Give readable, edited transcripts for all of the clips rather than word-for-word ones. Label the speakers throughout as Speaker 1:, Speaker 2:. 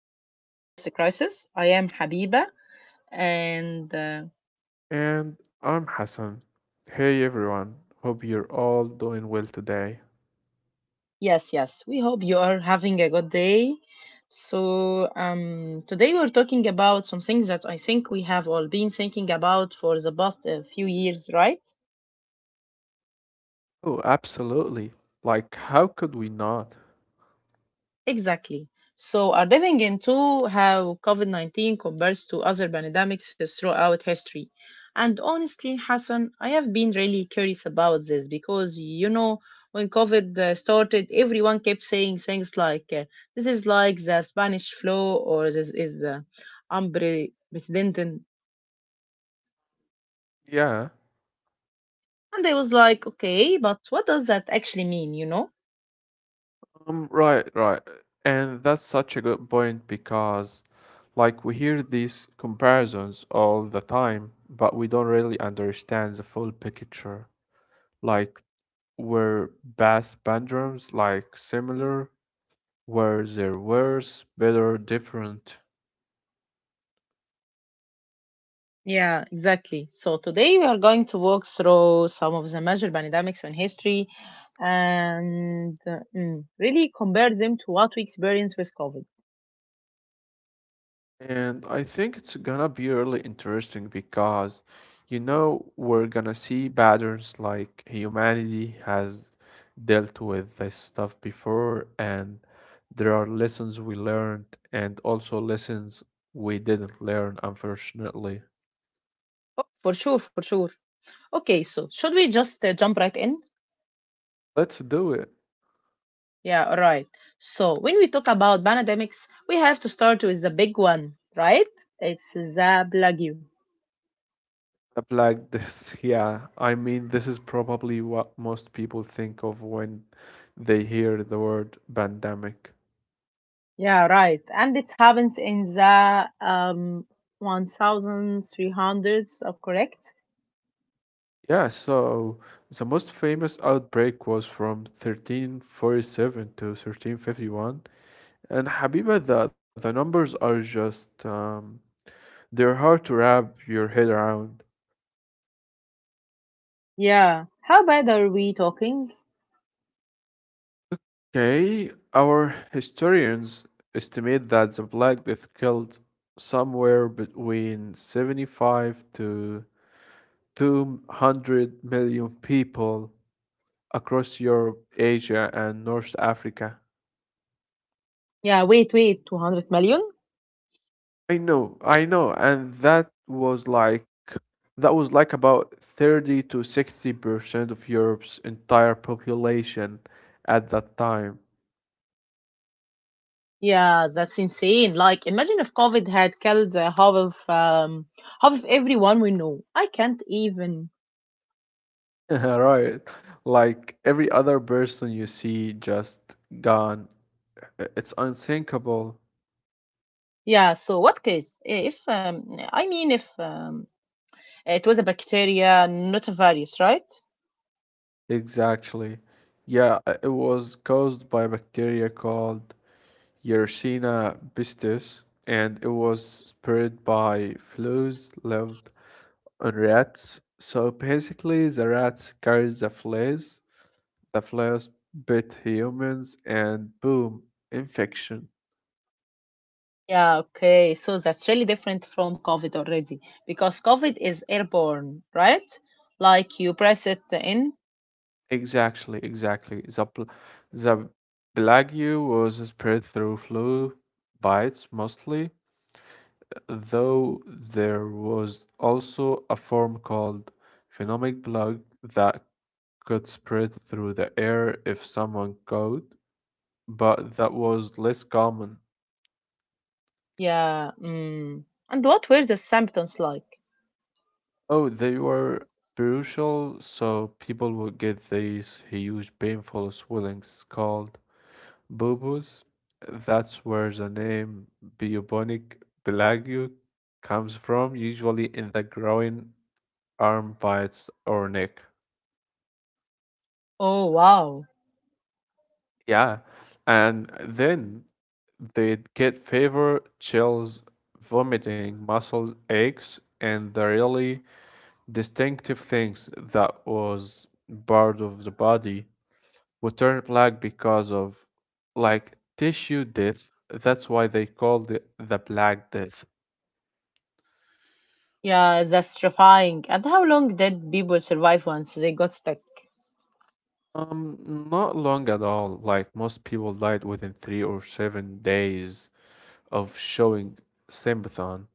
Speaker 1: History's Health Crisis. I am Habiba, and
Speaker 2: And I'm Hassan. Hey everyone, hope you're all doing well today.
Speaker 1: yes, yes, we hope you are having a good day. So, today we're talking about some things that I think we have all been thinking about for the past few years, right?
Speaker 2: Oh, absolutely. Like, how could we not?
Speaker 1: Exactly. So, are diving into how COVID COVID-19 compares to other pandemics throughout history. And honestly, Hassan, I have been really curious about this because, when COVID started, everyone kept saying things like, this is like the Spanish flu or this is unprecedented.
Speaker 2: Yeah,
Speaker 1: And I was like, okay, but what does that actually mean, you know?
Speaker 2: right, right. And that's such a good point because, like, we hear these comparisons all the time, but we don't really understand the full picture. Like, were past pandrums like similar? Were there worse, better, different?
Speaker 1: Yeah, exactly. So today we are going to walk through some of the major pandemics in history and really compare them to what we experienced with COVID.
Speaker 2: And I think it's gonna be really interesting because we're gonna see patterns like humanity has dealt with this stuff before, and there are lessons we learned and also lessons we didn't learn, unfortunately.
Speaker 1: Oh, for sure, for sure. Okay, so should we just jump right in?
Speaker 2: Let's do it.
Speaker 1: Yeah, all right. So when we talk about pandemics, we have to start with the big one, right? It's the plague.
Speaker 2: Up, like this, yeah. I mean, this is probably what most people think of when they hear the word pandemic.
Speaker 1: Yeah, right. And it happens in the 1300s, correct?
Speaker 2: Yeah, so the most famous outbreak was from 1347 to 1351. And Habiba, the numbers are just, they're hard to wrap your head around.
Speaker 1: Yeah. How bad are we talking?
Speaker 2: Okay, our historians estimate that the Black Death killed somewhere between 75 to 200 million people across Europe, Asia, and North Africa.
Speaker 1: Yeah, wait, wait, 200 million?
Speaker 2: I know, and that was like about 30 to 60% of Europe's entire population at that time.
Speaker 1: Yeah, that's insane. Like, imagine if COVID had killed half of everyone we know. I can't even.
Speaker 2: Right. Like every other person you see just gone. It's unthinkable.
Speaker 1: Yeah. So what case? If I mean, if it was a bacteria, not a virus, right?
Speaker 2: Exactly. Yeah, it was caused by a bacteria called Yersinia pestis, and it was spread by flies lived on rats. So basically, the rats carried the flies. The flies bit humans, and boom, infection.
Speaker 1: Yeah. Okay. So that's really different from COVID already because COVID is airborne, right? Like you press it in.
Speaker 2: Exactly, exactly. The plague was spread through flu bites mostly, though there was also a form called phenomic plague that could spread through the air if someone caught, but that was less common.
Speaker 1: Yeah. Mm. And what were the symptoms like?
Speaker 2: Oh, they were brutal, so people would get these huge, painful swellings called buboes. That's where the name bubonic plague comes from, usually in the groin, arm bites, or neck.
Speaker 1: Oh, wow.
Speaker 2: Yeah, and then they'd get fever, chills, vomiting, muscle aches, and the really distinctive things that was part of the body would turn black because of like tissue death. That's why they called it the Black Death.
Speaker 1: Yeah, that's terrifying. And how long did people survive once they got stuck?
Speaker 2: Um, Not long at all. Like most people died within 3 or 7 days of showing symptom.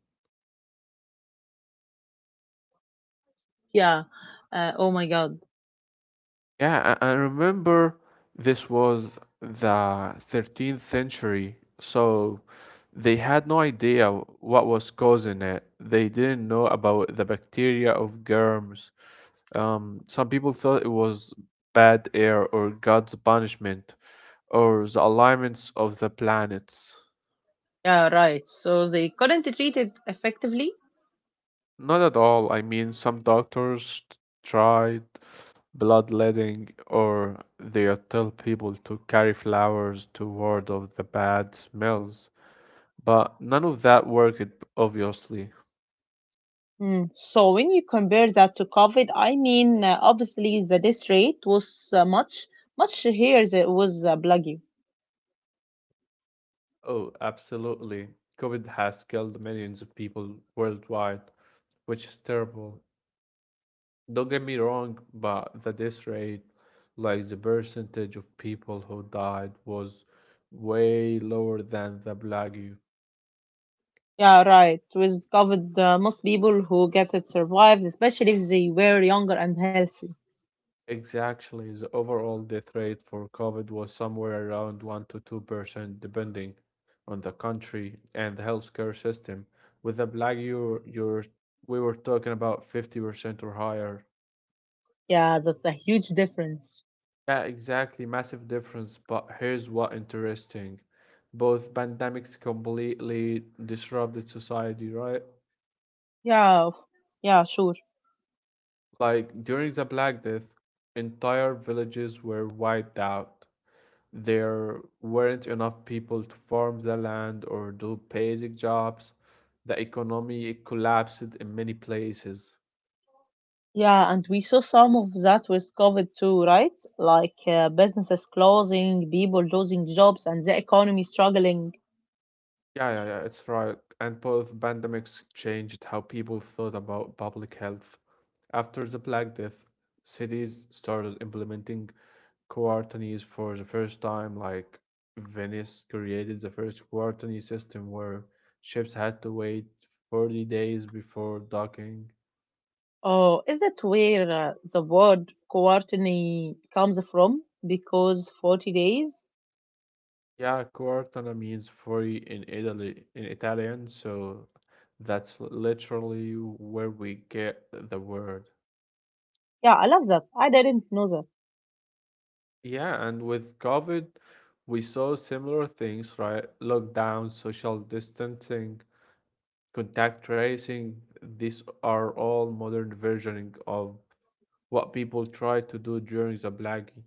Speaker 1: Yeah. Oh my God.
Speaker 2: Yeah, I remember this was the 13th century, so they had no idea what was causing it. They didn't know about the bacteria of germs. Some people thought it was bad air or God's punishment or the alignments of the planets.
Speaker 1: Yeah, right. So they couldn't treat it effectively.
Speaker 2: Not at all. I mean, some doctors tried bloodletting or they tell people to carry flowers to ward off the bad smells. But none of that worked, obviously.
Speaker 1: Mm. So when you compare that to COVID, I mean, obviously the death rate was much, much higher than it was bloody.
Speaker 2: Oh, absolutely. COVID has killed millions of people worldwide, which is terrible. Don't get me wrong, but the death rate, like the percentage of people who died, was way lower than the plague.
Speaker 1: Yeah, right. With COVID, most people who get it survived, especially if they were younger and healthy.
Speaker 2: Exactly, the overall death rate for COVID was somewhere around 1 to 2%, depending on the country and the healthcare system. With the plague, we were talking about 50% or higher.
Speaker 1: Yeah, that's a huge difference.
Speaker 2: Yeah, exactly. Massive difference. But here's what interesting. Both pandemics completely disrupted society, right?
Speaker 1: Yeah, yeah, sure.
Speaker 2: Like during the Black Death, entire villages were wiped out. There weren't enough people to farm the land or do basic jobs. The economy collapsed in many places.
Speaker 1: Yeah, and we saw some of that with COVID too, right? Like businesses closing, people losing jobs, and the economy struggling.
Speaker 2: Yeah, yeah, yeah, it's right. And both pandemics changed how people thought about public health. After the Black Death, cities started implementing quarantines for the first time, like Venice created the first quarantine system where ships had to wait 40 days before docking.
Speaker 1: Oh, is that where the word quarantine comes from? Because 40 days?
Speaker 2: Yeah, quarantine means 40 in Italian, so that's literally where we get the word.
Speaker 1: Yeah, I love that. I didn't know that.
Speaker 2: Yeah, and with COVID, we saw similar things, right? Lockdowns, social distancing, contact tracing, these are all modern versioning of what people tried to do during the Blackie.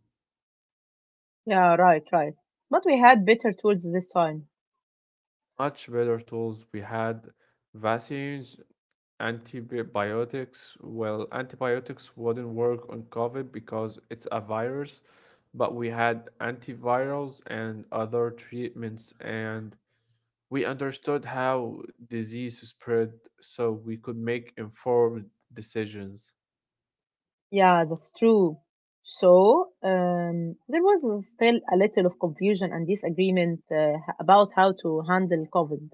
Speaker 1: Yeah, right, right. But we had better tools this time.
Speaker 2: Much better tools. We had vaccines, antibiotics. Well, antibiotics wouldn't work on COVID because it's a virus, but we had antivirals and other treatments, and we understood how disease spread, so we could make informed decisions.
Speaker 1: Yeah, that's true. So there was still a little of confusion and disagreement about how to handle COVID.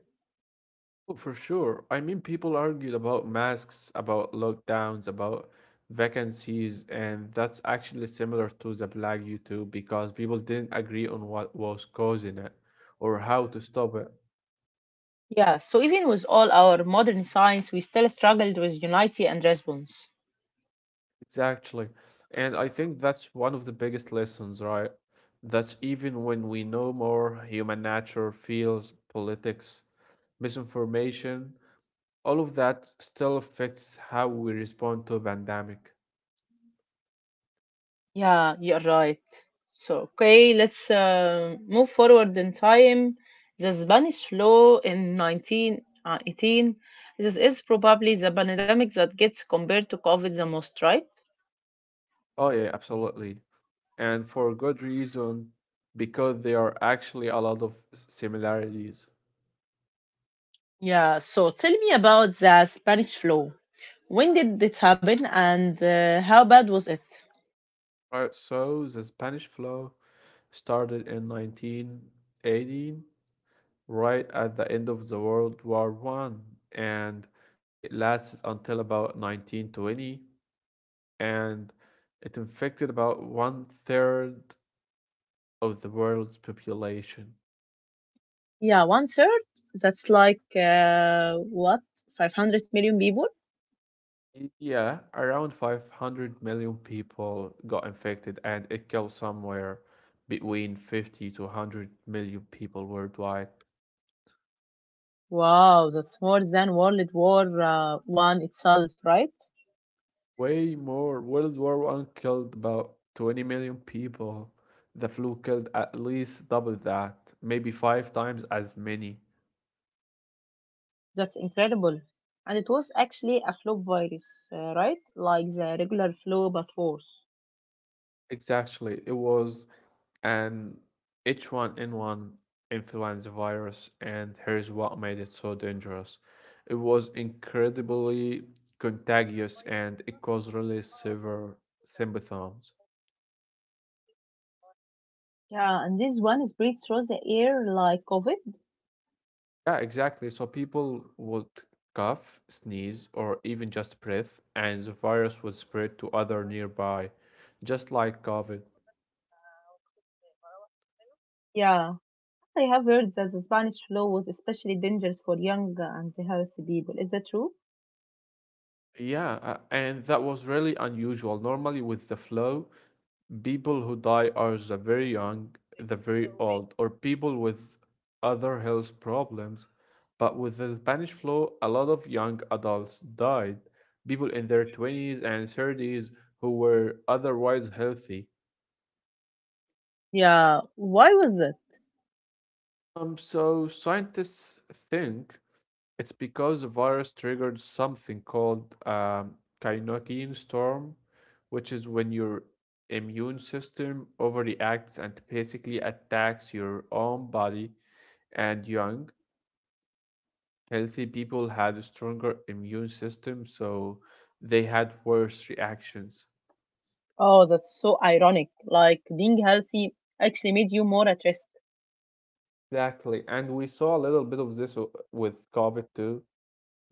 Speaker 2: Oh, for sure. I mean, people argued about masks, about lockdowns, about vacancies, and that's actually similar to the plague YouTube because people didn't agree on what was causing it or how to stop it.
Speaker 1: Yeah, so even with all our modern science, we still struggled with unity and response.
Speaker 2: Exactly. And I think that's one of the biggest lessons, right? That even when we know more, human nature feels politics, misinformation, all of that still affects how we respond to a pandemic.
Speaker 1: Yeah, you're right. So, okay, let's move forward in time. The Spanish flu in 1918. This is probably the pandemic that gets compared to COVID the most, right?
Speaker 2: Oh yeah, absolutely. And for good reason, because there are actually a lot of similarities.
Speaker 1: Yeah, so tell me about the Spanish flu. When did it happen and how bad was it?
Speaker 2: Right, so the Spanish flu started in 1918, right at the end of the World War I, and it lasted until about 1920, and it infected about one third of the world's population.
Speaker 1: Yeah, one third? That's like, what, 500 million people?
Speaker 2: Yeah, around 500 million people got infected, and it killed somewhere between 50 to 100 million people worldwide.
Speaker 1: Wow, that's more than World War One itself, right?
Speaker 2: Way more. World War I killed about 20 million people. The flu killed at least double that, maybe five times as many.
Speaker 1: That's incredible. And it was actually a flu virus, right? Like the regular flu, but worse.
Speaker 2: Exactly. It was And H1N1 influenza virus, and here's what made it so dangerous. It was incredibly contagious and it caused really severe symptoms.
Speaker 1: Yeah, and this one is breathed through the air like COVID.
Speaker 2: Yeah, exactly. So people would cough, sneeze, or even just breathe, and the virus would spread to other nearby, just like COVID.
Speaker 1: Yeah, I have heard that the Spanish flu was especially dangerous for young and healthy people. Is that true?
Speaker 2: Yeah, and that was really unusual. Normally, with the flu, people who die are the very young, the very old, or people with other health problems. But with the Spanish flu, a lot of young adults died, people in their 20s and 30s who were otherwise healthy.
Speaker 1: Yeah, why was that?
Speaker 2: So scientists think it's because the virus triggered something called kinokine storm, which is when your immune system overreacts and basically attacks your own body. And young, healthy people had a stronger immune system, so they had worse reactions.
Speaker 1: Oh, that's so ironic. Like being healthy actually made you more at risk.
Speaker 2: Exactly. And we saw a little bit of this with COVID too.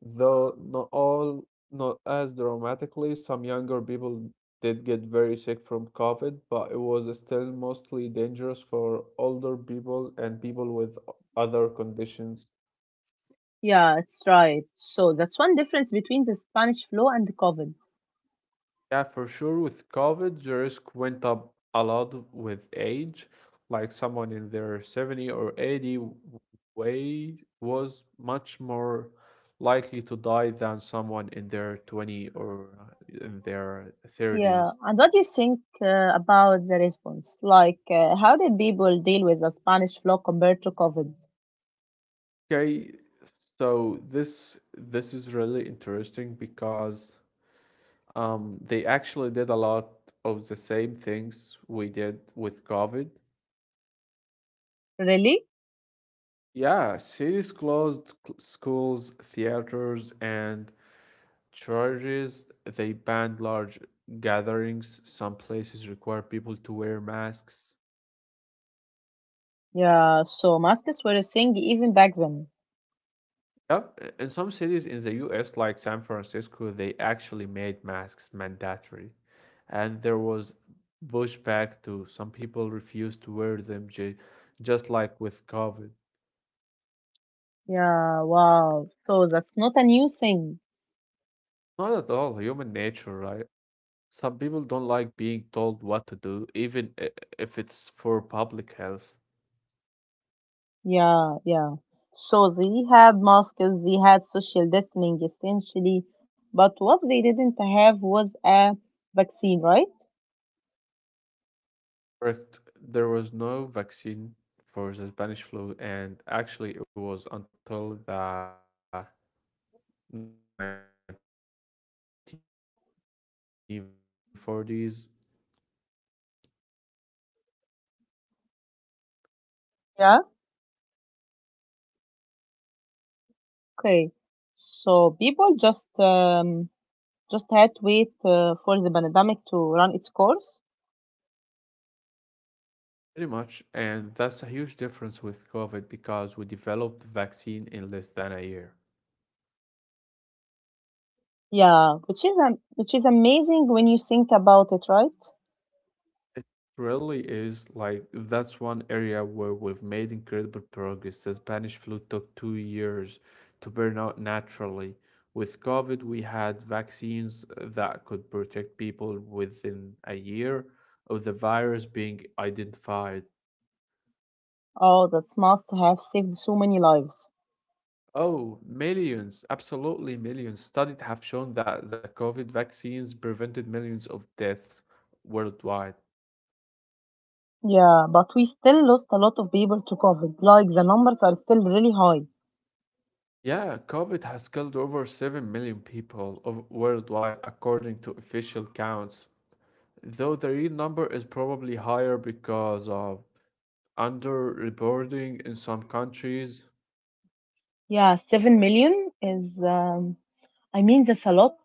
Speaker 2: Though not all, not as dramatically, some younger people did get very sick from COVID, but it was still mostly dangerous for older people and people with other conditions.
Speaker 1: Yeah, it's right. So that's one difference between the Spanish flu and the COVID.
Speaker 2: Yeah, for sure. With COVID, the risk went up a lot with age. Like someone in their 70 or 80 way was much more likely to die than someone in their 20 or in their
Speaker 1: Yeah,
Speaker 2: 30s.
Speaker 1: and what do you think about the response? Like, how did people deal with the Spanish flu compared to COVID?
Speaker 2: Okay, so this is really interesting because they actually did a lot of the same things we did with COVID.
Speaker 1: Really?
Speaker 2: Yeah, cities closed schools, theaters, and churches. They banned large gatherings. Some places require people to wear masks.
Speaker 1: Yeah, so masks were a thing even back then.
Speaker 2: Yep. In some cities in the US, like San Francisco, they actually made masks mandatory. And there was pushback too. Some people refused to wear them, just like with COVID.
Speaker 1: Yeah, wow. So that's not a new thing.
Speaker 2: Not at all human nature, right? Some people don't like being told what to do, even if it's for public health.
Speaker 1: Yeah, yeah. So they had masks, they had social distancing essentially, but what they didn't have was a vaccine, right?
Speaker 2: Correct. There was no vaccine for the Spanish flu, and actually, it was until the 1940s that we even developed the first flu vaccine.
Speaker 1: Yeah. Okay, so people just had to wait for the pandemic to run its course.
Speaker 2: Pretty much, and that's a huge difference with COVID because we developed the vaccine in less than a year.
Speaker 1: Yeah, which is amazing when you think about it, right?
Speaker 2: It really is like that's one area where we've made incredible progress. The Spanish flu took 2 years to burn out naturally. With COVID, we had vaccines that could protect people within a year of the virus being identified.
Speaker 1: Oh, that must have saved so many lives.
Speaker 2: Oh, millions, absolutely millions. Studies have shown that the COVID vaccines prevented millions of deaths worldwide.
Speaker 1: Yeah, but we still lost a lot of people to COVID. Like the numbers are still really high.
Speaker 2: Yeah, COVID has killed over 7 million people of worldwide, according to official counts. Though the real number is probably higher because of underreporting in some countries.
Speaker 1: Yeah, 7 million is. I mean, that's a lot.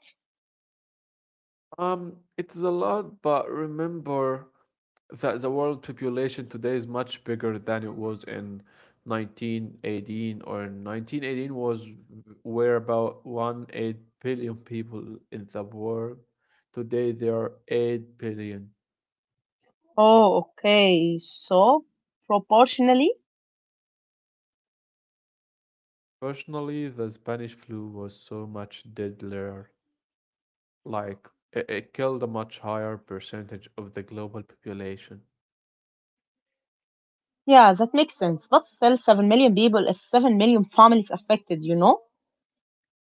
Speaker 2: It's a lot, but remember that the world population today is much bigger than it was in 1918, or in 1918 was where about one eight billion people in the world. Today there are 8 billion.
Speaker 1: Oh, okay. So proportionally,
Speaker 2: Personally, the Spanish flu was so much deadlier. Like it killed a much higher percentage of the global population.
Speaker 1: yeah, that makes sense. But still, 7 million people is 7 million families affected, you know?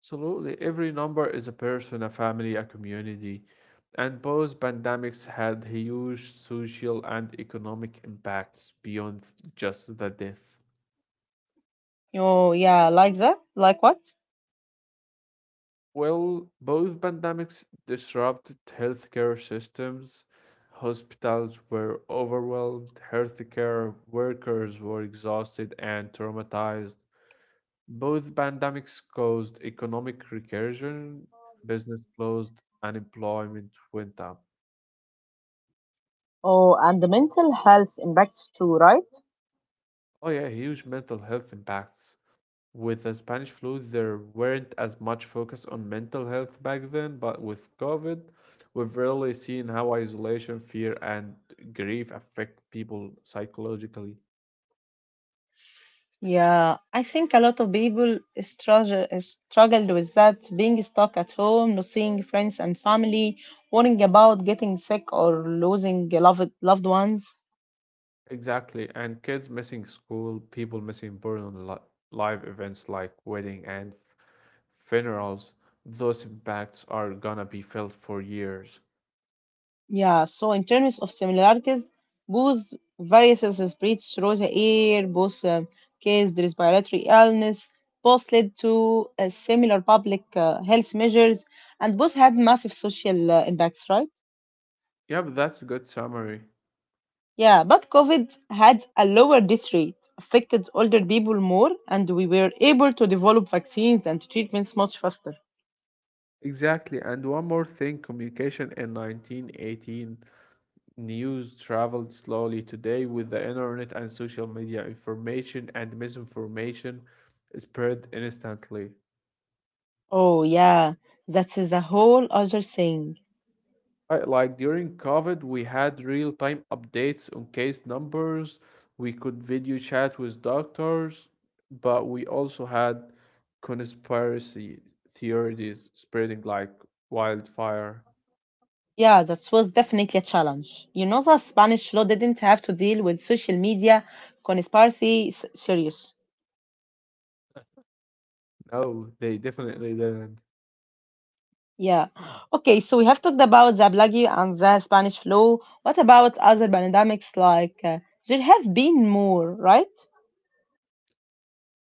Speaker 2: Absolutely. Every number is a person, a family, a community. And both pandemics had huge social and economic impacts beyond just the death.
Speaker 1: Oh, yeah, like that? Like what?
Speaker 2: Well, both pandemics disrupted healthcare systems. Hospitals were overwhelmed, healthcare workers were exhausted and traumatized. Both pandemics caused economic recession, business closed, unemployment went up.
Speaker 1: Oh, and the mental health impacts too, right?
Speaker 2: Oh yeah, huge mental health impacts. With the Spanish flu, there weren't as much focus on mental health back then, but with COVID, we've really seen how isolation, fear, and grief affect people psychologically.
Speaker 1: Yeah, I think a lot of people struggled with that, being stuck at home, not seeing friends and family, worrying about getting sick or losing loved ones.
Speaker 2: Exactly, and kids missing school, people missing important live events like wedding and funerals, those impacts are gonna be felt for years.
Speaker 1: Yeah, so in terms of similarities, both viruses spread through the air, both caused respiratory illness, both led to similar public health measures, and both had massive social impacts, right?
Speaker 2: Yeah, but that's a good summary.
Speaker 1: Yeah, but COVID had a lower death rate, affected older people more, and we were able to develop vaccines and treatments much faster.
Speaker 2: Exactly. And one more thing, communication in 1918, news traveled slowly today with the internet and social media. Information and misinformation spread instantly.
Speaker 1: Oh, yeah, that is a whole other thing.
Speaker 2: Like during COVID, we had real-time updates on case numbers. We could video chat with doctors, but we also had conspiracy theories spreading like wildfire.
Speaker 1: Yeah, that was definitely a challenge. You know, the Spanish law didn't have to deal with social media conspiracy serious.
Speaker 2: No, they definitely didn't.
Speaker 1: Yeah. Okay, so we have talked about the Blagio and the Spanish flu. What about other pandemics like there have been more, right?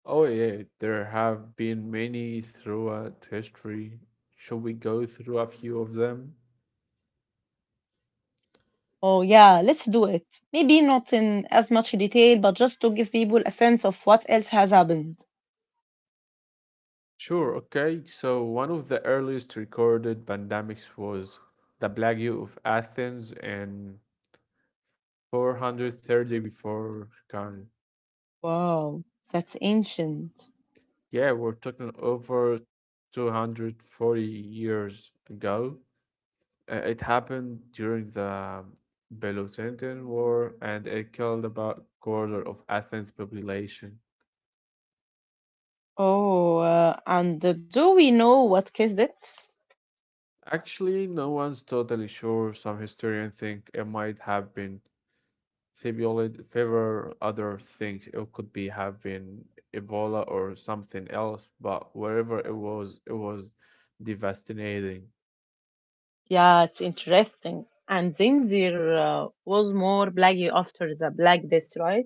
Speaker 2: Oh yeah, there have been many throughout history. Should we go through a few of them?
Speaker 1: Oh, yeah, let's do it. Maybe not in as much detail, but just to give people a sense of what else has happened.
Speaker 2: Sure, okay. So one of the earliest recorded pandemics was the Plague of Athens in 430 before Khan.
Speaker 1: Wow, that's ancient.
Speaker 2: Yeah, we're talking over 240 years ago. It happened during the Peloponnesian War, and it killed about quarter of Athens' population.
Speaker 1: Oh, and do we know what kissed it?
Speaker 2: Actually, no one's totally sure. Some historians think it might have been Thibault fever, others think it could be have been Ebola or something else, but wherever it was devastating.
Speaker 1: Yeah, it's interesting. And then there was more Black after the Black Death, right?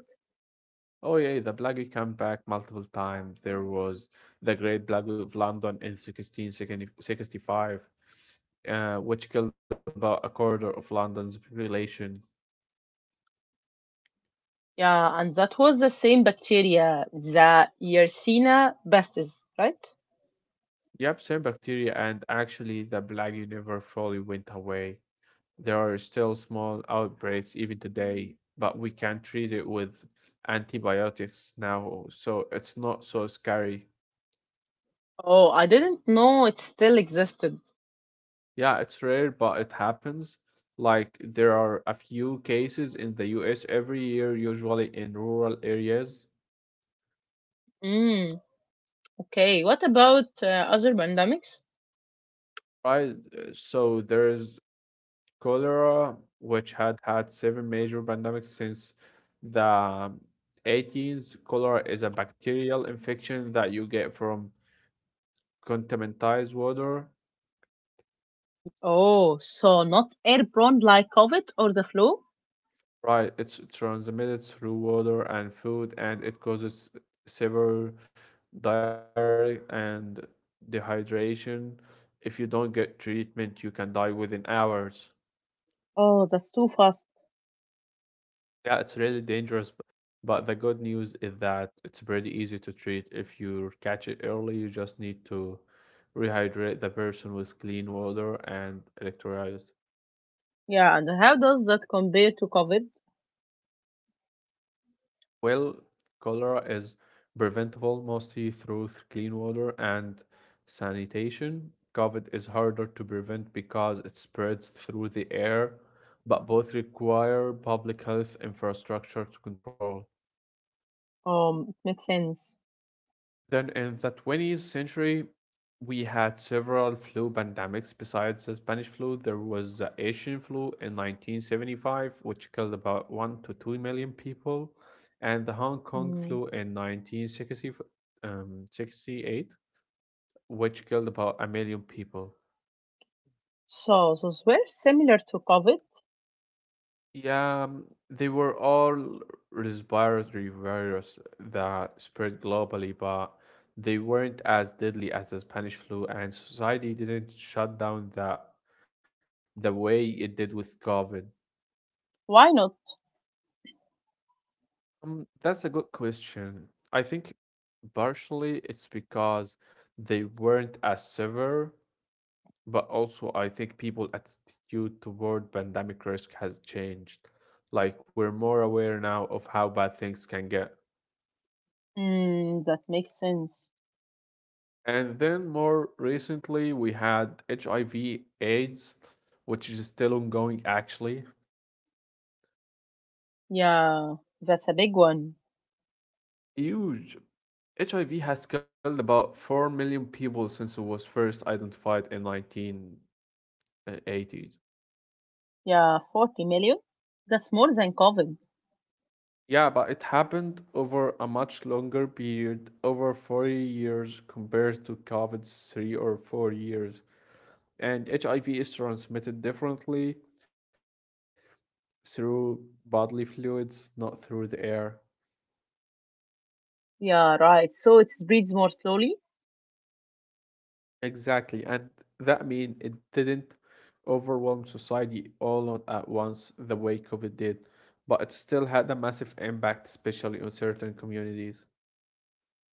Speaker 2: Oh yeah, the plague came back multiple times. There was the Great Plague of London in 1665, which killed about a quarter of London's population.
Speaker 1: Yeah, and that was the same bacteria, the Yersinia pestis, right?
Speaker 2: Yep, same bacteria, and actually the plague never fully went away. There are still small outbreaks even today, but we can treat it with antibiotics now, so it's not so scary.
Speaker 1: Oh, I didn't know it still existed.
Speaker 2: Yeah, it's rare, but it happens. Like there are a few cases in the US every year, usually in rural areas,
Speaker 1: Mm, okay, what about other pandemics?
Speaker 2: right? So there's cholera, which had seven major pandemics since the 18s. Cholera is a bacterial infection that you get from contaminated water.
Speaker 1: Oh, so not airborne like COVID or the flu?
Speaker 2: Right, it's transmitted through water and food, and it causes severe diarrhea and dehydration. If you don't get treatment, you can die within hours.
Speaker 1: Oh, that's too fast.
Speaker 2: Yeah, it's really dangerous, but the good news is that it's pretty easy to treat. If you catch it early, you just need to rehydrate the person with clean water and electrolytes.
Speaker 1: Yeah, and how does that compare to COVID?
Speaker 2: Well, cholera is preventable mostly through clean water and sanitation. COVID is harder to prevent because it spreads through the air, but both require public health infrastructure to control.
Speaker 1: It makes sense.
Speaker 2: Then in the 20th century, we had several flu pandemics. Besides the Spanish flu, there was the Asian flu in 1975, which killed about 1 to 2 million people, and the Hong Kong
Speaker 1: Mm.
Speaker 2: flu in 1968, which killed about a million people.
Speaker 1: So those were similar to COVID.
Speaker 2: Yeah, they were all respiratory virus that spread globally, but they weren't as deadly as the Spanish flu, and society didn't shut down that the way it did with COVID.
Speaker 1: Why not?
Speaker 2: That's a good question. I think partially it's because they weren't as severe, but also I think people's attitude toward pandemic risk has changed. Like we're more aware now of how bad things can get.
Speaker 1: Mm, that makes sense.
Speaker 2: And then more recently, we had HIV AIDS, which is still ongoing actually.
Speaker 1: Yeah, that's a big one.
Speaker 2: Huge. HIV has killed about 4 million people since it was first identified in 1980s.
Speaker 1: Yeah, 40 million. That's more than COVID.
Speaker 2: Yeah, but it happened over a much longer period, over 40 years compared to COVID's 3 or 4 years. And HIV is transmitted differently through bodily fluids, not through the air.
Speaker 1: Yeah, right. So it spreads more slowly.
Speaker 2: Exactly, and that mean it didn't overwhelm society all on at once the way COVID did, but it still had a massive impact, especially on certain communities.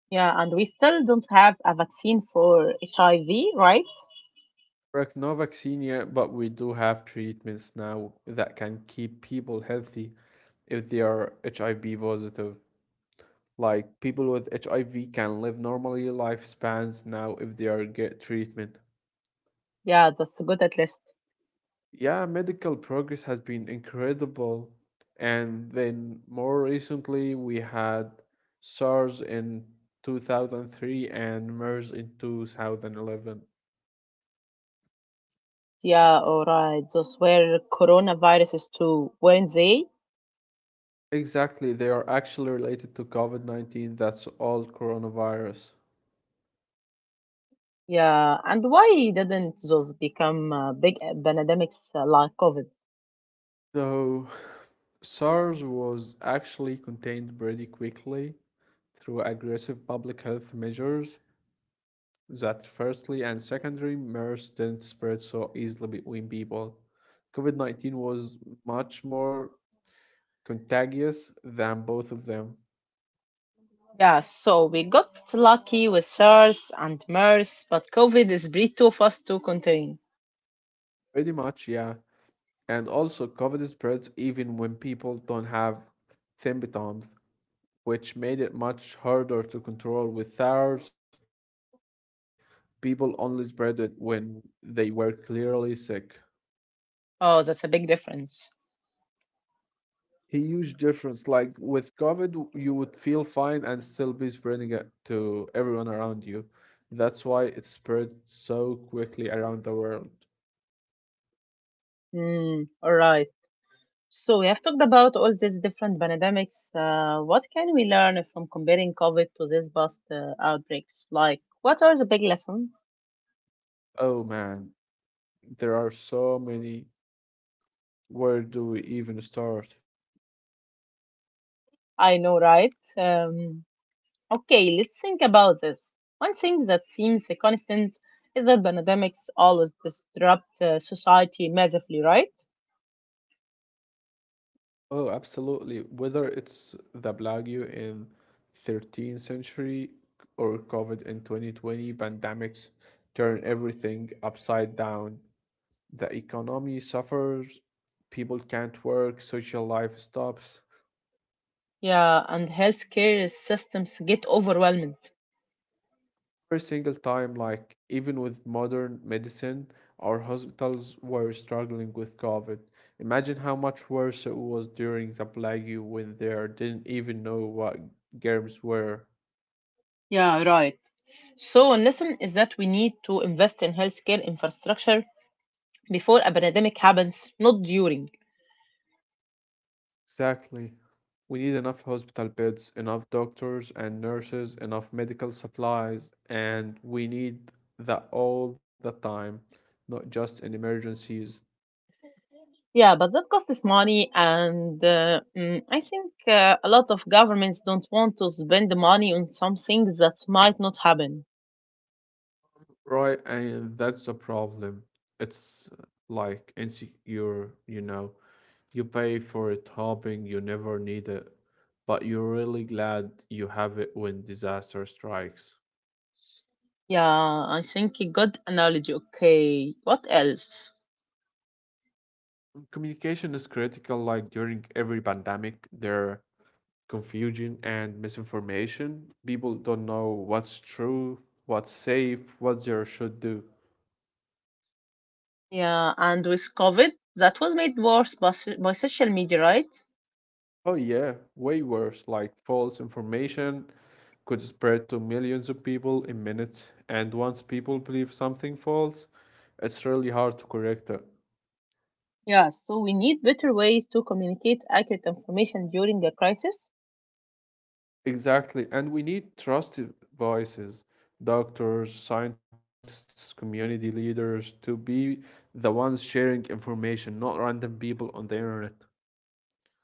Speaker 1: Yeah, and we still don't have a vaccine for HIV, right?
Speaker 2: Correct, no vaccine yet, but we do have treatments now that can keep people healthy if they are HIV positive. Like people with HIV can live normally lifespans now if they are get treatment.
Speaker 1: Yeah, that's good at least.
Speaker 2: Yeah, medical progress has been incredible. And then more recently, we had SARS in 2003 and MERS in 2011.
Speaker 1: Yeah, all right. Those were coronaviruses too, weren't they?
Speaker 2: Exactly, they are actually related to COVID-19, that's all coronavirus.
Speaker 1: Yeah, and why didn't those become big pandemics like COVID?
Speaker 2: So, SARS was actually contained pretty quickly through aggressive public health measures. That firstly and secondly, MERS didn't spread so easily between people. COVID 19 was much more contagious than both of them.
Speaker 1: Yeah, so we got lucky with SARS and MERS, but COVID is breed too fast to contain.
Speaker 2: Pretty much, yeah. And also, COVID spreads even when people don't have symptoms, which made it much harder to control with SARS. People only spread it when they were clearly sick.
Speaker 1: Oh, that's a big difference.
Speaker 2: A huge difference. Like with COVID, you would feel fine and still be spreading it to everyone around you. That's why it spread so quickly around the world.
Speaker 1: Mm, all right. So we have talked about all these different pandemics. What can we learn from comparing COVID to these past outbreaks? Like, what are the big lessons?
Speaker 2: Oh man, there are so many. Where do we even start?
Speaker 1: I know, right? Um, Okay, let's think about this. One thing that seems a constant is that pandemics always disrupt society massively, right?
Speaker 2: Oh, absolutely. Whether it's the Black Plague in 13th century or COVID in 2020, pandemics turn everything upside down. The economy suffers, people can't work, social life stops.
Speaker 1: Yeah, and healthcare systems get overwhelmed.
Speaker 2: Every single time, like even with modern medicine, our hospitals were struggling with COVID. Imagine how much worse it was during the plague when they didn't even know what germs were.
Speaker 1: Yeah, right. So, a lesson is that we need to invest in healthcare infrastructure before a pandemic happens, not during.
Speaker 2: Exactly. We need enough hospital beds, enough doctors and nurses, enough medical supplies, and we need that all the time, not just in emergencies.
Speaker 1: Yeah, but that costs money, and I think a lot of governments don't want to spend the money on some things that might not happen.
Speaker 2: Right, and that's the problem. It's like insecure, you know. You pay for it hoping you never need it, but you're really glad you have it when disaster strikes.
Speaker 1: Yeah, I think a good analogy. Okay, what else?
Speaker 2: Communication is critical, like during every pandemic, there are confusion and misinformation. People don't know what's true, what's safe, what they should do.
Speaker 1: Yeah, and with COVID, that was made worse by social media, right?
Speaker 2: Oh, yeah, way worse. Like false information could spread to millions of people in minutes, and once people believe something false, it's really hard to correct it.
Speaker 1: Yeah, so we need better ways to communicate accurate information during a crisis.
Speaker 2: Exactly, and we need trusted voices, doctors, scientists, community leaders to be the ones sharing information, not random people on the internet.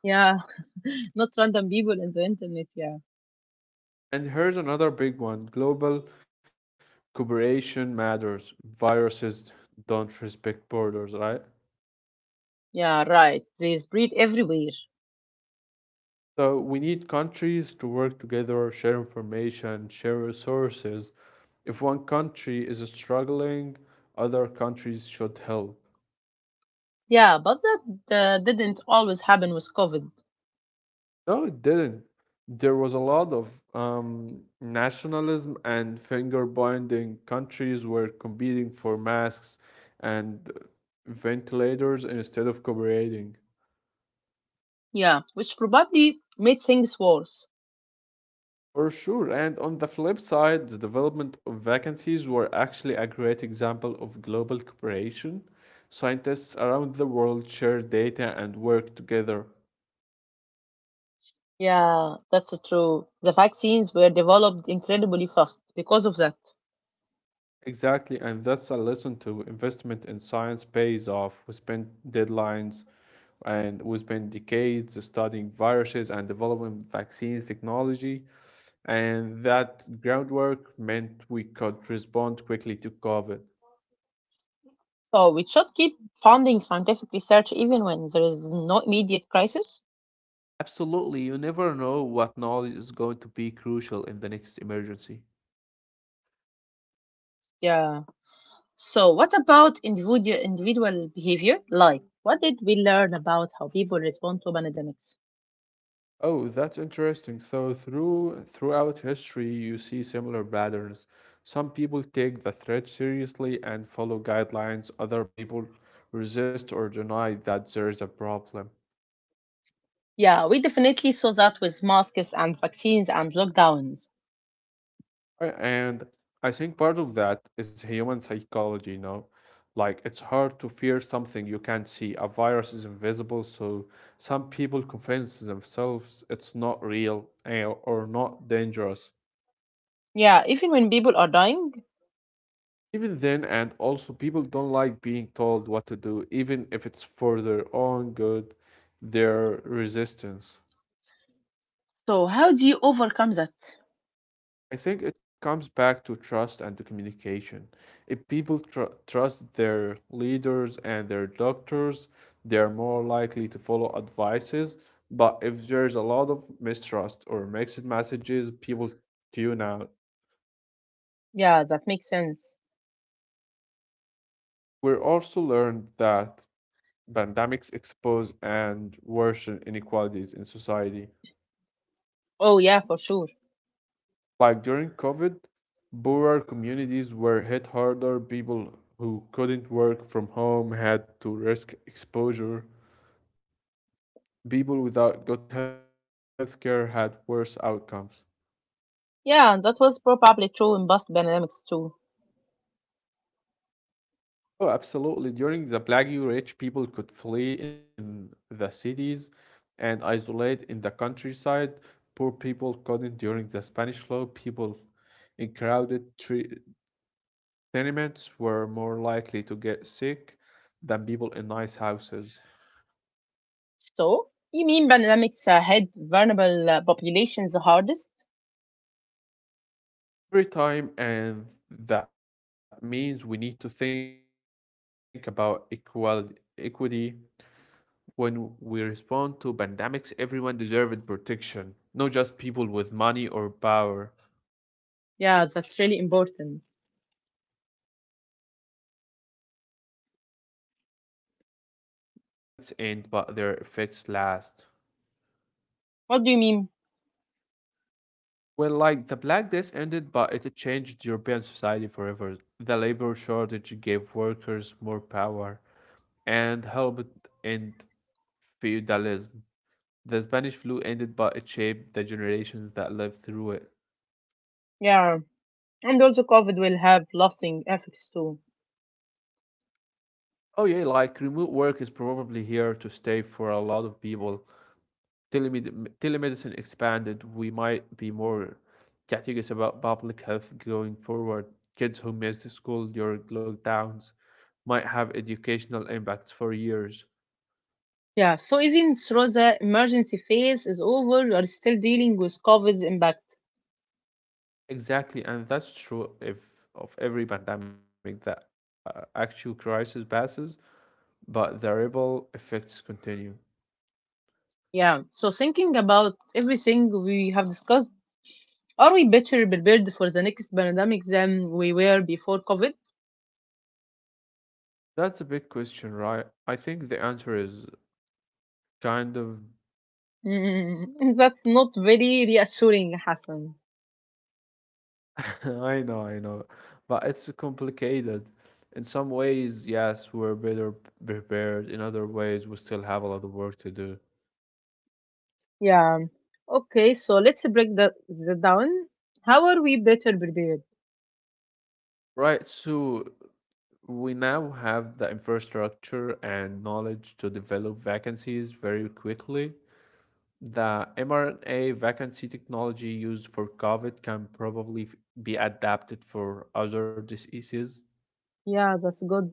Speaker 1: Yeah, not random people in the internet. Yeah,
Speaker 2: And here's another big one: global cooperation matters. Viruses don't respect borders, right?
Speaker 1: yeah, right. They spread everywhere.
Speaker 2: So we need countries to work together, share information, share resources. If one country is struggling, other countries should help.
Speaker 1: Yeah, but that didn't always happen with COVID.
Speaker 2: No, it didn't. There was a lot of nationalism and finger pointing. Countries were competing for masks and ventilators instead of cooperating.
Speaker 1: Yeah, which probably made things worse.
Speaker 2: For sure. And on the flip side, the development of vacancies were actually a great example of global cooperation. Scientists around the world share data and work together.
Speaker 1: Yeah, that's so true. The vaccines were developed incredibly fast because of that.
Speaker 2: Exactly, and that's a lesson to investment in science pays off. We spend deadlines and we spend decades studying viruses and developing vaccines technology, and that groundwork meant we could respond quickly to COVID.
Speaker 1: So we should keep funding scientific research even when there is no immediate crisis.
Speaker 2: Absolutely, you never know what knowledge is going to be crucial in the next emergency.
Speaker 1: Yeah. So what about individual behavior? Like, what did we learn about how people respond to pandemics?
Speaker 2: Oh, that's interesting. So throughout history, you see similar patterns. Some people take the threat seriously and follow guidelines. Other people resist or deny that there is a problem.
Speaker 1: Yeah, we definitely saw that with masks and vaccines and lockdowns.
Speaker 2: And I think part of that is human psychology, you know? Like, it's hard to fear something you can't see. A virus is invisible, so some people convince themselves it's not real or not dangerous.
Speaker 1: Yeah, even when people are dying.
Speaker 2: Even then, and also, people don't like being told what to do, even if it's for their own good, their resistance.
Speaker 1: So how do you overcome that?
Speaker 2: I think it comes back to trust and to communication. If people trust their leaders and their doctors, they are more likely to follow advices. But if there's a lot of mistrust or mixed messages, people tune out.
Speaker 1: Yeah, that makes sense.
Speaker 2: We're also learned that pandemics expose and worsen inequalities in society.
Speaker 1: Oh yeah, for sure.
Speaker 2: Like during COVID, poorer communities were hit harder. People who couldn't work from home had to risk exposure. People without good healthcare had worse outcomes.
Speaker 1: Yeah, and that was probably true in past pandemics too.
Speaker 2: Oh, absolutely. During the Plague Rich, people could flee in the cities and isolate in the countryside. Poor people couldn't during the Spanish flu. People in crowded tenements were more likely to get sick than people in nice houses.
Speaker 1: So, you mean pandemics hit vulnerable populations the hardest?
Speaker 2: Every time, and that means we need to think about equal equity when we respond to pandemics. Everyone deserves protection, not just people with money or power.
Speaker 1: Yeah, that's really important.
Speaker 2: And here's maybe the most important lesson: pandemics end, but their effects last.
Speaker 1: What do you mean?
Speaker 2: Well, like the Black Death ended, but it changed European society forever. The labor shortage gave workers more power and helped end feudalism. The Spanish flu ended, but it shaped the generations that lived through it.
Speaker 1: Yeah, and also COVID will have lasting effects too.
Speaker 2: Oh yeah, like remote work is probably here to stay for a lot of people. Telemedicine expanded. We might be more cautious about public health going forward. Kids who missed school during lockdowns might have educational impacts for years.
Speaker 1: Yeah, so even through the emergency phase is over, we are still dealing with COVID's impact.
Speaker 2: Exactly, and that's true if of every pandemic that actual crisis passes, but the ripple effects continue.
Speaker 1: Yeah, so thinking about everything we have discussed, are we better prepared for the next pandemic than we were before COVID?
Speaker 2: That's a big question, right? I think the answer is kind of.
Speaker 1: Mm, that's not very reassuring, Hassan.
Speaker 2: I know, I know. But it's complicated. In some ways, yes, we're better prepared. In other ways, we still have a lot of work to do.
Speaker 1: Yeah. Okay, so let's break that the down. How are we better prepared?
Speaker 2: Right, so we now have the infrastructure and knowledge to develop vacancies very quickly. The mRNA vacancy technology used for COVID can probably be adapted for other diseases.
Speaker 1: Yeah, that's good.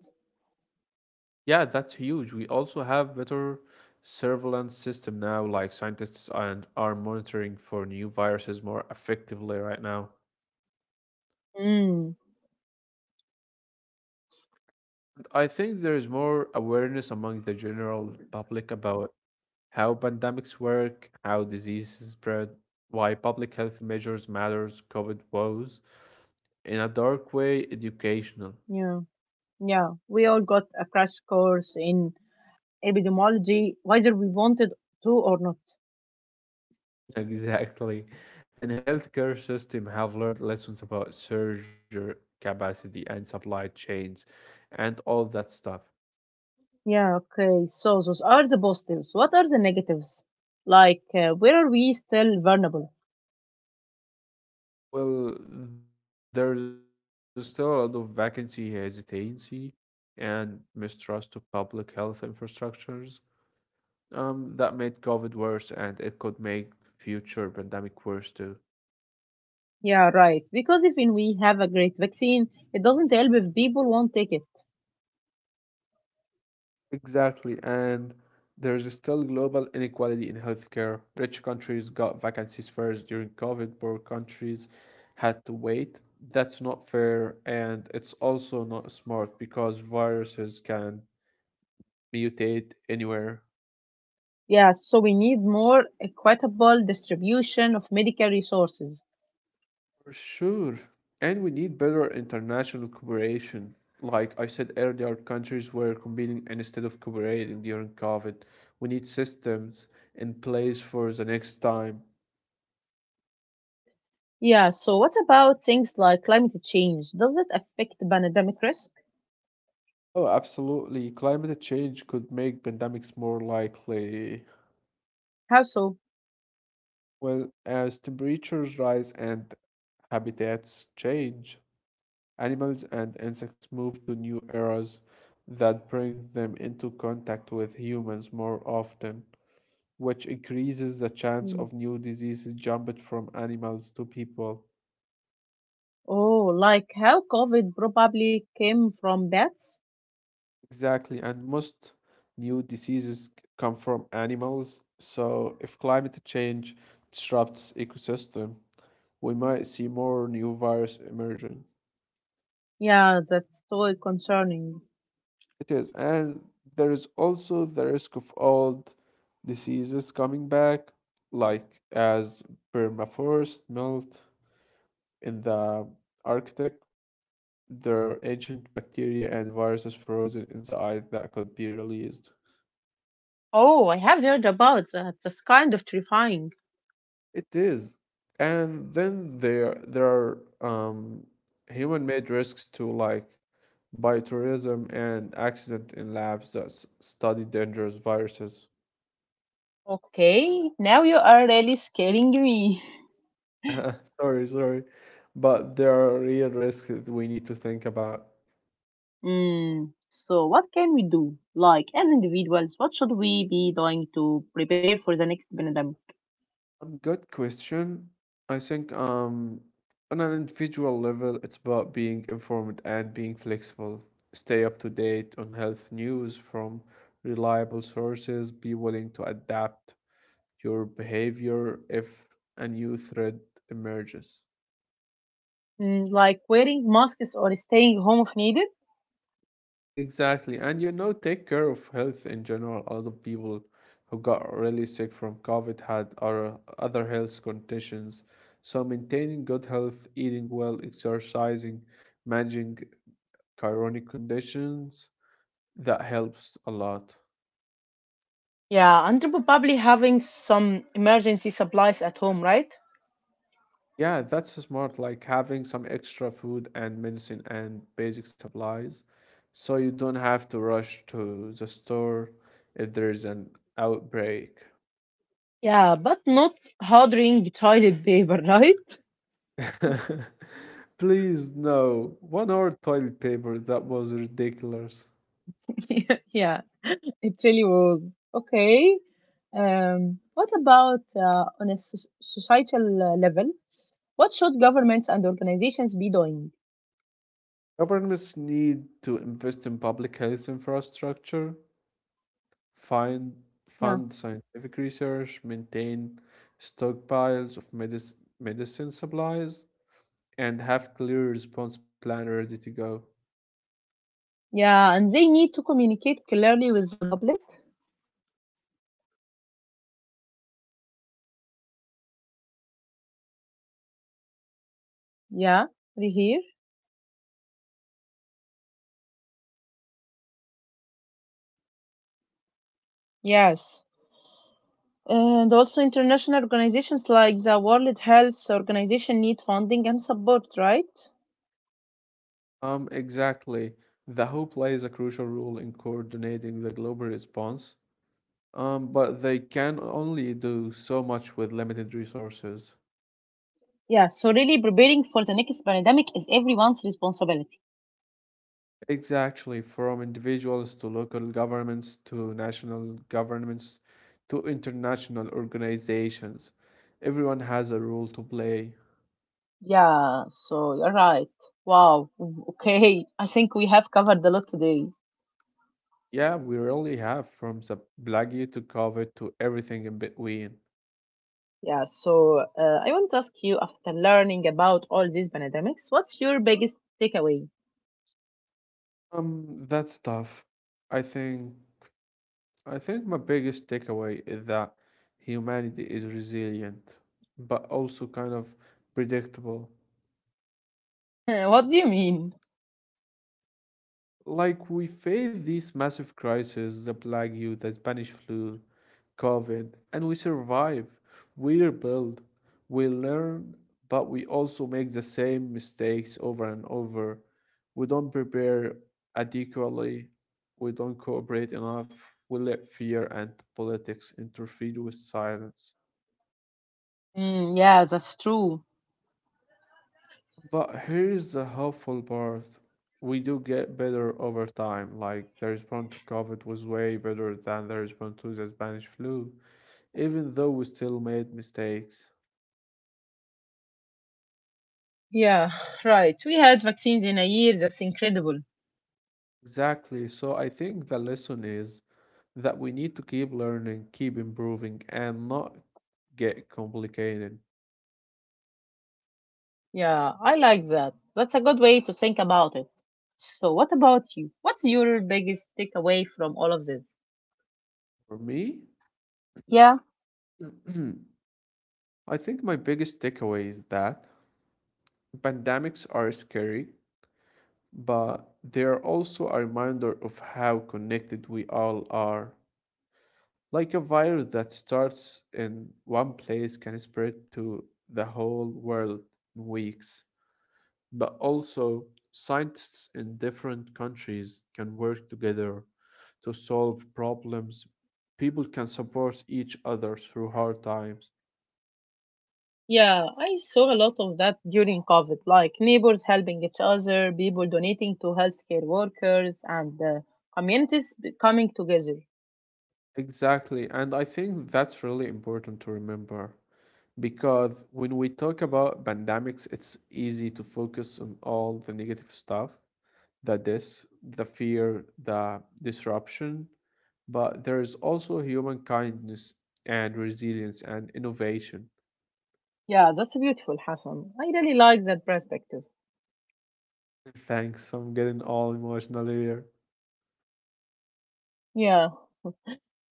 Speaker 2: Yeah, that's huge. We also have better surveillance system now, like scientists and are monitoring for new viruses more effectively right now.
Speaker 1: Mm,
Speaker 2: And I think there is more awareness among the general public about how pandemics work, how diseases spread, why public health measures matters, COVID woes. In a dark way, educational.
Speaker 1: yeah, yeah. We all got a crash course in epidemiology, whether we wanted to or not.
Speaker 2: Exactly. And healthcare system have learned lessons about surgery capacity and supply chains and all that stuff.
Speaker 1: Yeah, okay. So those are the positives. What are the negatives? Like, where are we still vulnerable?
Speaker 2: Well, there's still a lot of vacancy, hesitancy, and mistrust of public health infrastructures. That made COVID worse and it could make future pandemic worse too.
Speaker 1: Yeah, right. Because even we have a great vaccine, it doesn't help if people won't take it.
Speaker 2: Exactly, and there's still global inequality in healthcare. Rich countries got vacancies first during COVID, poor countries had to wait. That's not fair, and it's also not smart because viruses can mutate anywhere.
Speaker 1: Yeah, so we need more equitable distribution of medical resources.
Speaker 2: For sure. And we need better international cooperation. Like I said earlier, countries were competing instead of cooperating during COVID. We need systems in place for the next time.
Speaker 1: Yeah, so what about things like climate change? Does it affect pandemic risk?
Speaker 2: Oh, absolutely. Climate change could make pandemics more likely.
Speaker 1: How so?
Speaker 2: Well, as temperatures rise and habitats change, animals and insects move to new eras that bring them into contact with humans more often, which increases the chance
Speaker 1: Hmm.
Speaker 2: of new diseases jumping from animals to people.
Speaker 1: Oh, like how COVID probably came from bats?
Speaker 2: Exactly, and most new diseases come from animals. So, if climate change disrupts ecosystem, we might see more new virus emerging.
Speaker 1: Yeah, that's so concerning.
Speaker 2: It is, and there is also the risk of old diseases coming back, like as permafrost melt in the Arctic. There are ancient bacteria and viruses frozen in the ice that could be released.
Speaker 1: Oh, I have heard about that. That's kind of terrifying.
Speaker 2: It is, and then there are human-made risks to like biotourism and accident in labs that study dangerous viruses.
Speaker 1: Okay, now you are really scaring me.
Speaker 2: Sorry, sorry. But there are real risks that we need to think about.
Speaker 1: So what can we do? Like as individuals, what should we be doing to prepare for the next pandemic?
Speaker 2: Good question. I think on an individual level, it's about being informed and being flexible. Stay up to date on health news from reliable sources. Be willing to adapt your behavior if a new threat emerges.
Speaker 1: Mm, like wearing masks or staying home if needed.
Speaker 2: Exactly. And you know, take care of health in general. A lot of people who got really sick from COVID had other health conditions. So maintaining good health, eating well, exercising, managing chronic conditions, that helps a lot.
Speaker 1: Yeah, and probably having some emergency supplies at home, right?
Speaker 2: Yeah, that's smart, like having some extra food and medicine and basic supplies. So you don't have to rush to the store if there's an outbreak.
Speaker 1: Yeah, but not hoarding toilet paper, right?
Speaker 2: Please, no. One hour toilet paper, that was ridiculous.
Speaker 1: yeah, it really was. Okay. What about on a societal level? What should governments and organizations be doing?
Speaker 2: Governments need to invest in public health infrastructure, find
Speaker 1: Yeah.
Speaker 2: fund scientific research, maintain stockpiles of medicine supplies, and have clear response plan ready to go.
Speaker 1: Yeah, and they need to communicate clearly with the public.
Speaker 2: Exactly, create consistent science-based communications. That's so important.
Speaker 1: Yeah, we hear. Yes. And also international organizations like the World Health Organization need funding and support, right?
Speaker 2: Exactly. The WHO plays a crucial role in coordinating the global response, but they can only do so much with limited resources.
Speaker 1: Yeah, so really preparing for the next pandemic is everyone's responsibility.
Speaker 2: Exactly, from individuals to local governments to national governments to international organizations. Everyone has a role to play.
Speaker 1: Yeah, so you're right. Wow. Okay, I think we have covered a lot today.
Speaker 2: Yeah, we really have, from the plague to COVID to everything in between.
Speaker 1: Yeah, so I want to ask you, after learning about all these pandemics, what's your biggest takeaway?
Speaker 2: That's tough. I think. I think my biggest takeaway is that humanity is resilient, but also kind of predictable.
Speaker 1: What do you mean?
Speaker 2: Like we face these massive crises, the plague you, the Spanish flu, COVID, and we survive. We rebuild, we learn, but we also make the same mistakes over and over. We don't prepare adequately, we don't cooperate enough, we let fear and politics interfere with silence.
Speaker 1: Mm, yeah, that's true.
Speaker 2: But here's the hopeful part. We do get better over time. Like the response to COVID was way better than the response to the Spanish flu, even though we still made mistakes.
Speaker 1: Yeah, right. We had vaccines in a year. That's incredible.
Speaker 2: Exactly. So I think the lesson is that we need to keep learning, keep improving, and not get complicated.
Speaker 1: Yeah, I like that. That's a good way to think about it. So, what about you? What's your biggest takeaway from all of this?
Speaker 2: For me,
Speaker 1: Yeah,
Speaker 2: I think my biggest takeaway is that pandemics are scary, but they are also a reminder of how connected we all are. Like a virus that starts in one place can spread to the whole world in weeks. But also, scientists in different countries can work together to solve problems. People can support each other through hard times.
Speaker 1: yeah, I saw a lot of that during COVID, like neighbors helping each other, people donating to healthcare workers, and communities coming together.
Speaker 2: Exactly, and I think that's really important to remember, because when we talk about pandemics, it's easy to focus on all the negative stuff, the this, the fear, the disruption, but there is also human kindness and resilience and innovation.
Speaker 1: Yeah, that's beautiful, Hassan. I really like that perspective.
Speaker 2: Thanks, I'm getting all emotional here.
Speaker 1: Yeah,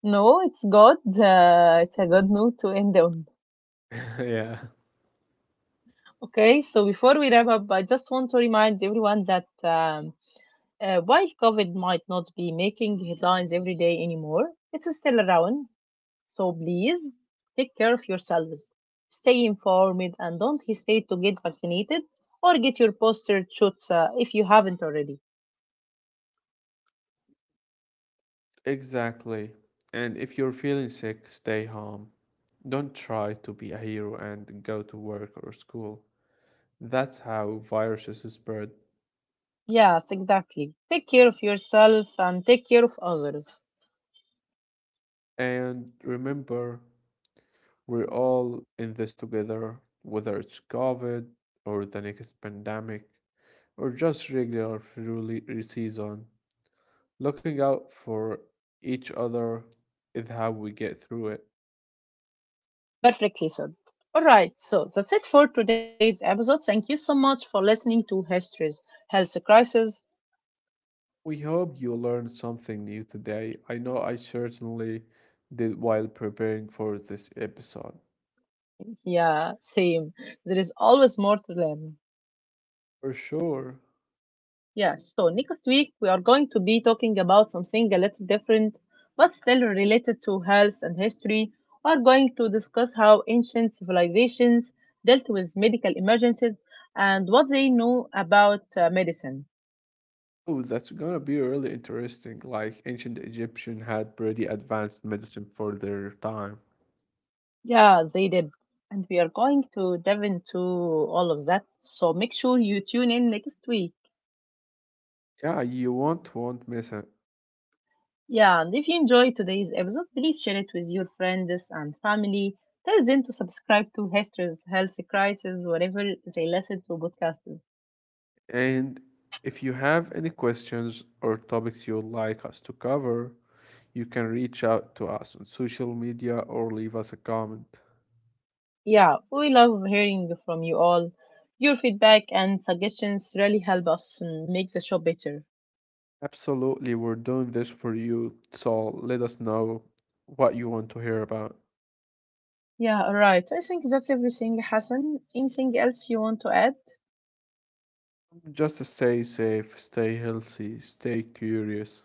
Speaker 1: no, it's good. It's a good note to end on.
Speaker 2: Yeah,
Speaker 1: Okay, so before we wrap up, I just want to remind everyone that while COVID might not be making headlines every day anymore, it's still around. So please take care of yourselves. Stay informed and don't hesitate to get vaccinated or get your booster shots if you haven't already.
Speaker 2: exactly. And if you're feeling sick, stay home. Don't try to be a hero and go to work or school. That's how viruses spread.
Speaker 1: Yes, exactly. Take care of yourself and take care of others.
Speaker 2: And remember, we're all in this together, whether it's COVID or the next pandemic or just regular flu season. Looking out for each other is how we get through it.
Speaker 1: Perfectly said. All right, so that's it for today's episode. Thank you so much for listening to Histories, Health Crisis.
Speaker 2: We hope you learned something new today. I know I certainly did while preparing for this episode.
Speaker 1: Yeah, same. There is always more to learn.
Speaker 2: For sure.
Speaker 1: Yes, so next week we are going to be talking about something a little different, but still related to health and history. We are going to discuss how ancient civilizations dealt with medical emergencies and what they knew about medicine.
Speaker 2: Oh, that's gonna be really interesting. Like ancient Egyptian had pretty advanced medicine for their time.
Speaker 1: Yeah, they did. And we are going to dive into all of that. So make sure you tune in next week.
Speaker 2: Yeah, you won't miss it.
Speaker 1: Yeah, and if you enjoyed today's episode, please share it with your friends and family. Tell them to subscribe to History's Health Crisis, wherever they listen to podcasts.
Speaker 2: And if you have any questions or topics you'd like us to cover, you can reach out to us on social media or leave us a comment.
Speaker 1: Yeah, we love hearing from you all. Your feedback and suggestions really help us make the show better.
Speaker 2: Absolutely, we're doing this for you, so let us know what you want to hear about.
Speaker 1: Yeah, all right. I think that's everything, Hassan. Anything else you want to add?
Speaker 2: Just stay safe, stay healthy, stay curious.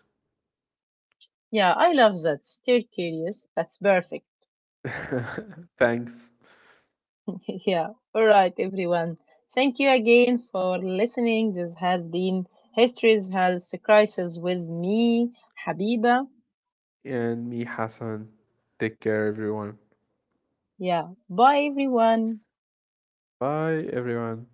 Speaker 1: Yeah, I love that. Stay curious. That's perfect.
Speaker 2: Thanks.
Speaker 1: Yeah, all right, everyone. Thank you again for listening. This has been History's Health Crisis with me, Habiba.
Speaker 2: And me, Hassan. Take care, everyone.
Speaker 1: Yeah, bye, everyone.
Speaker 2: Bye, everyone.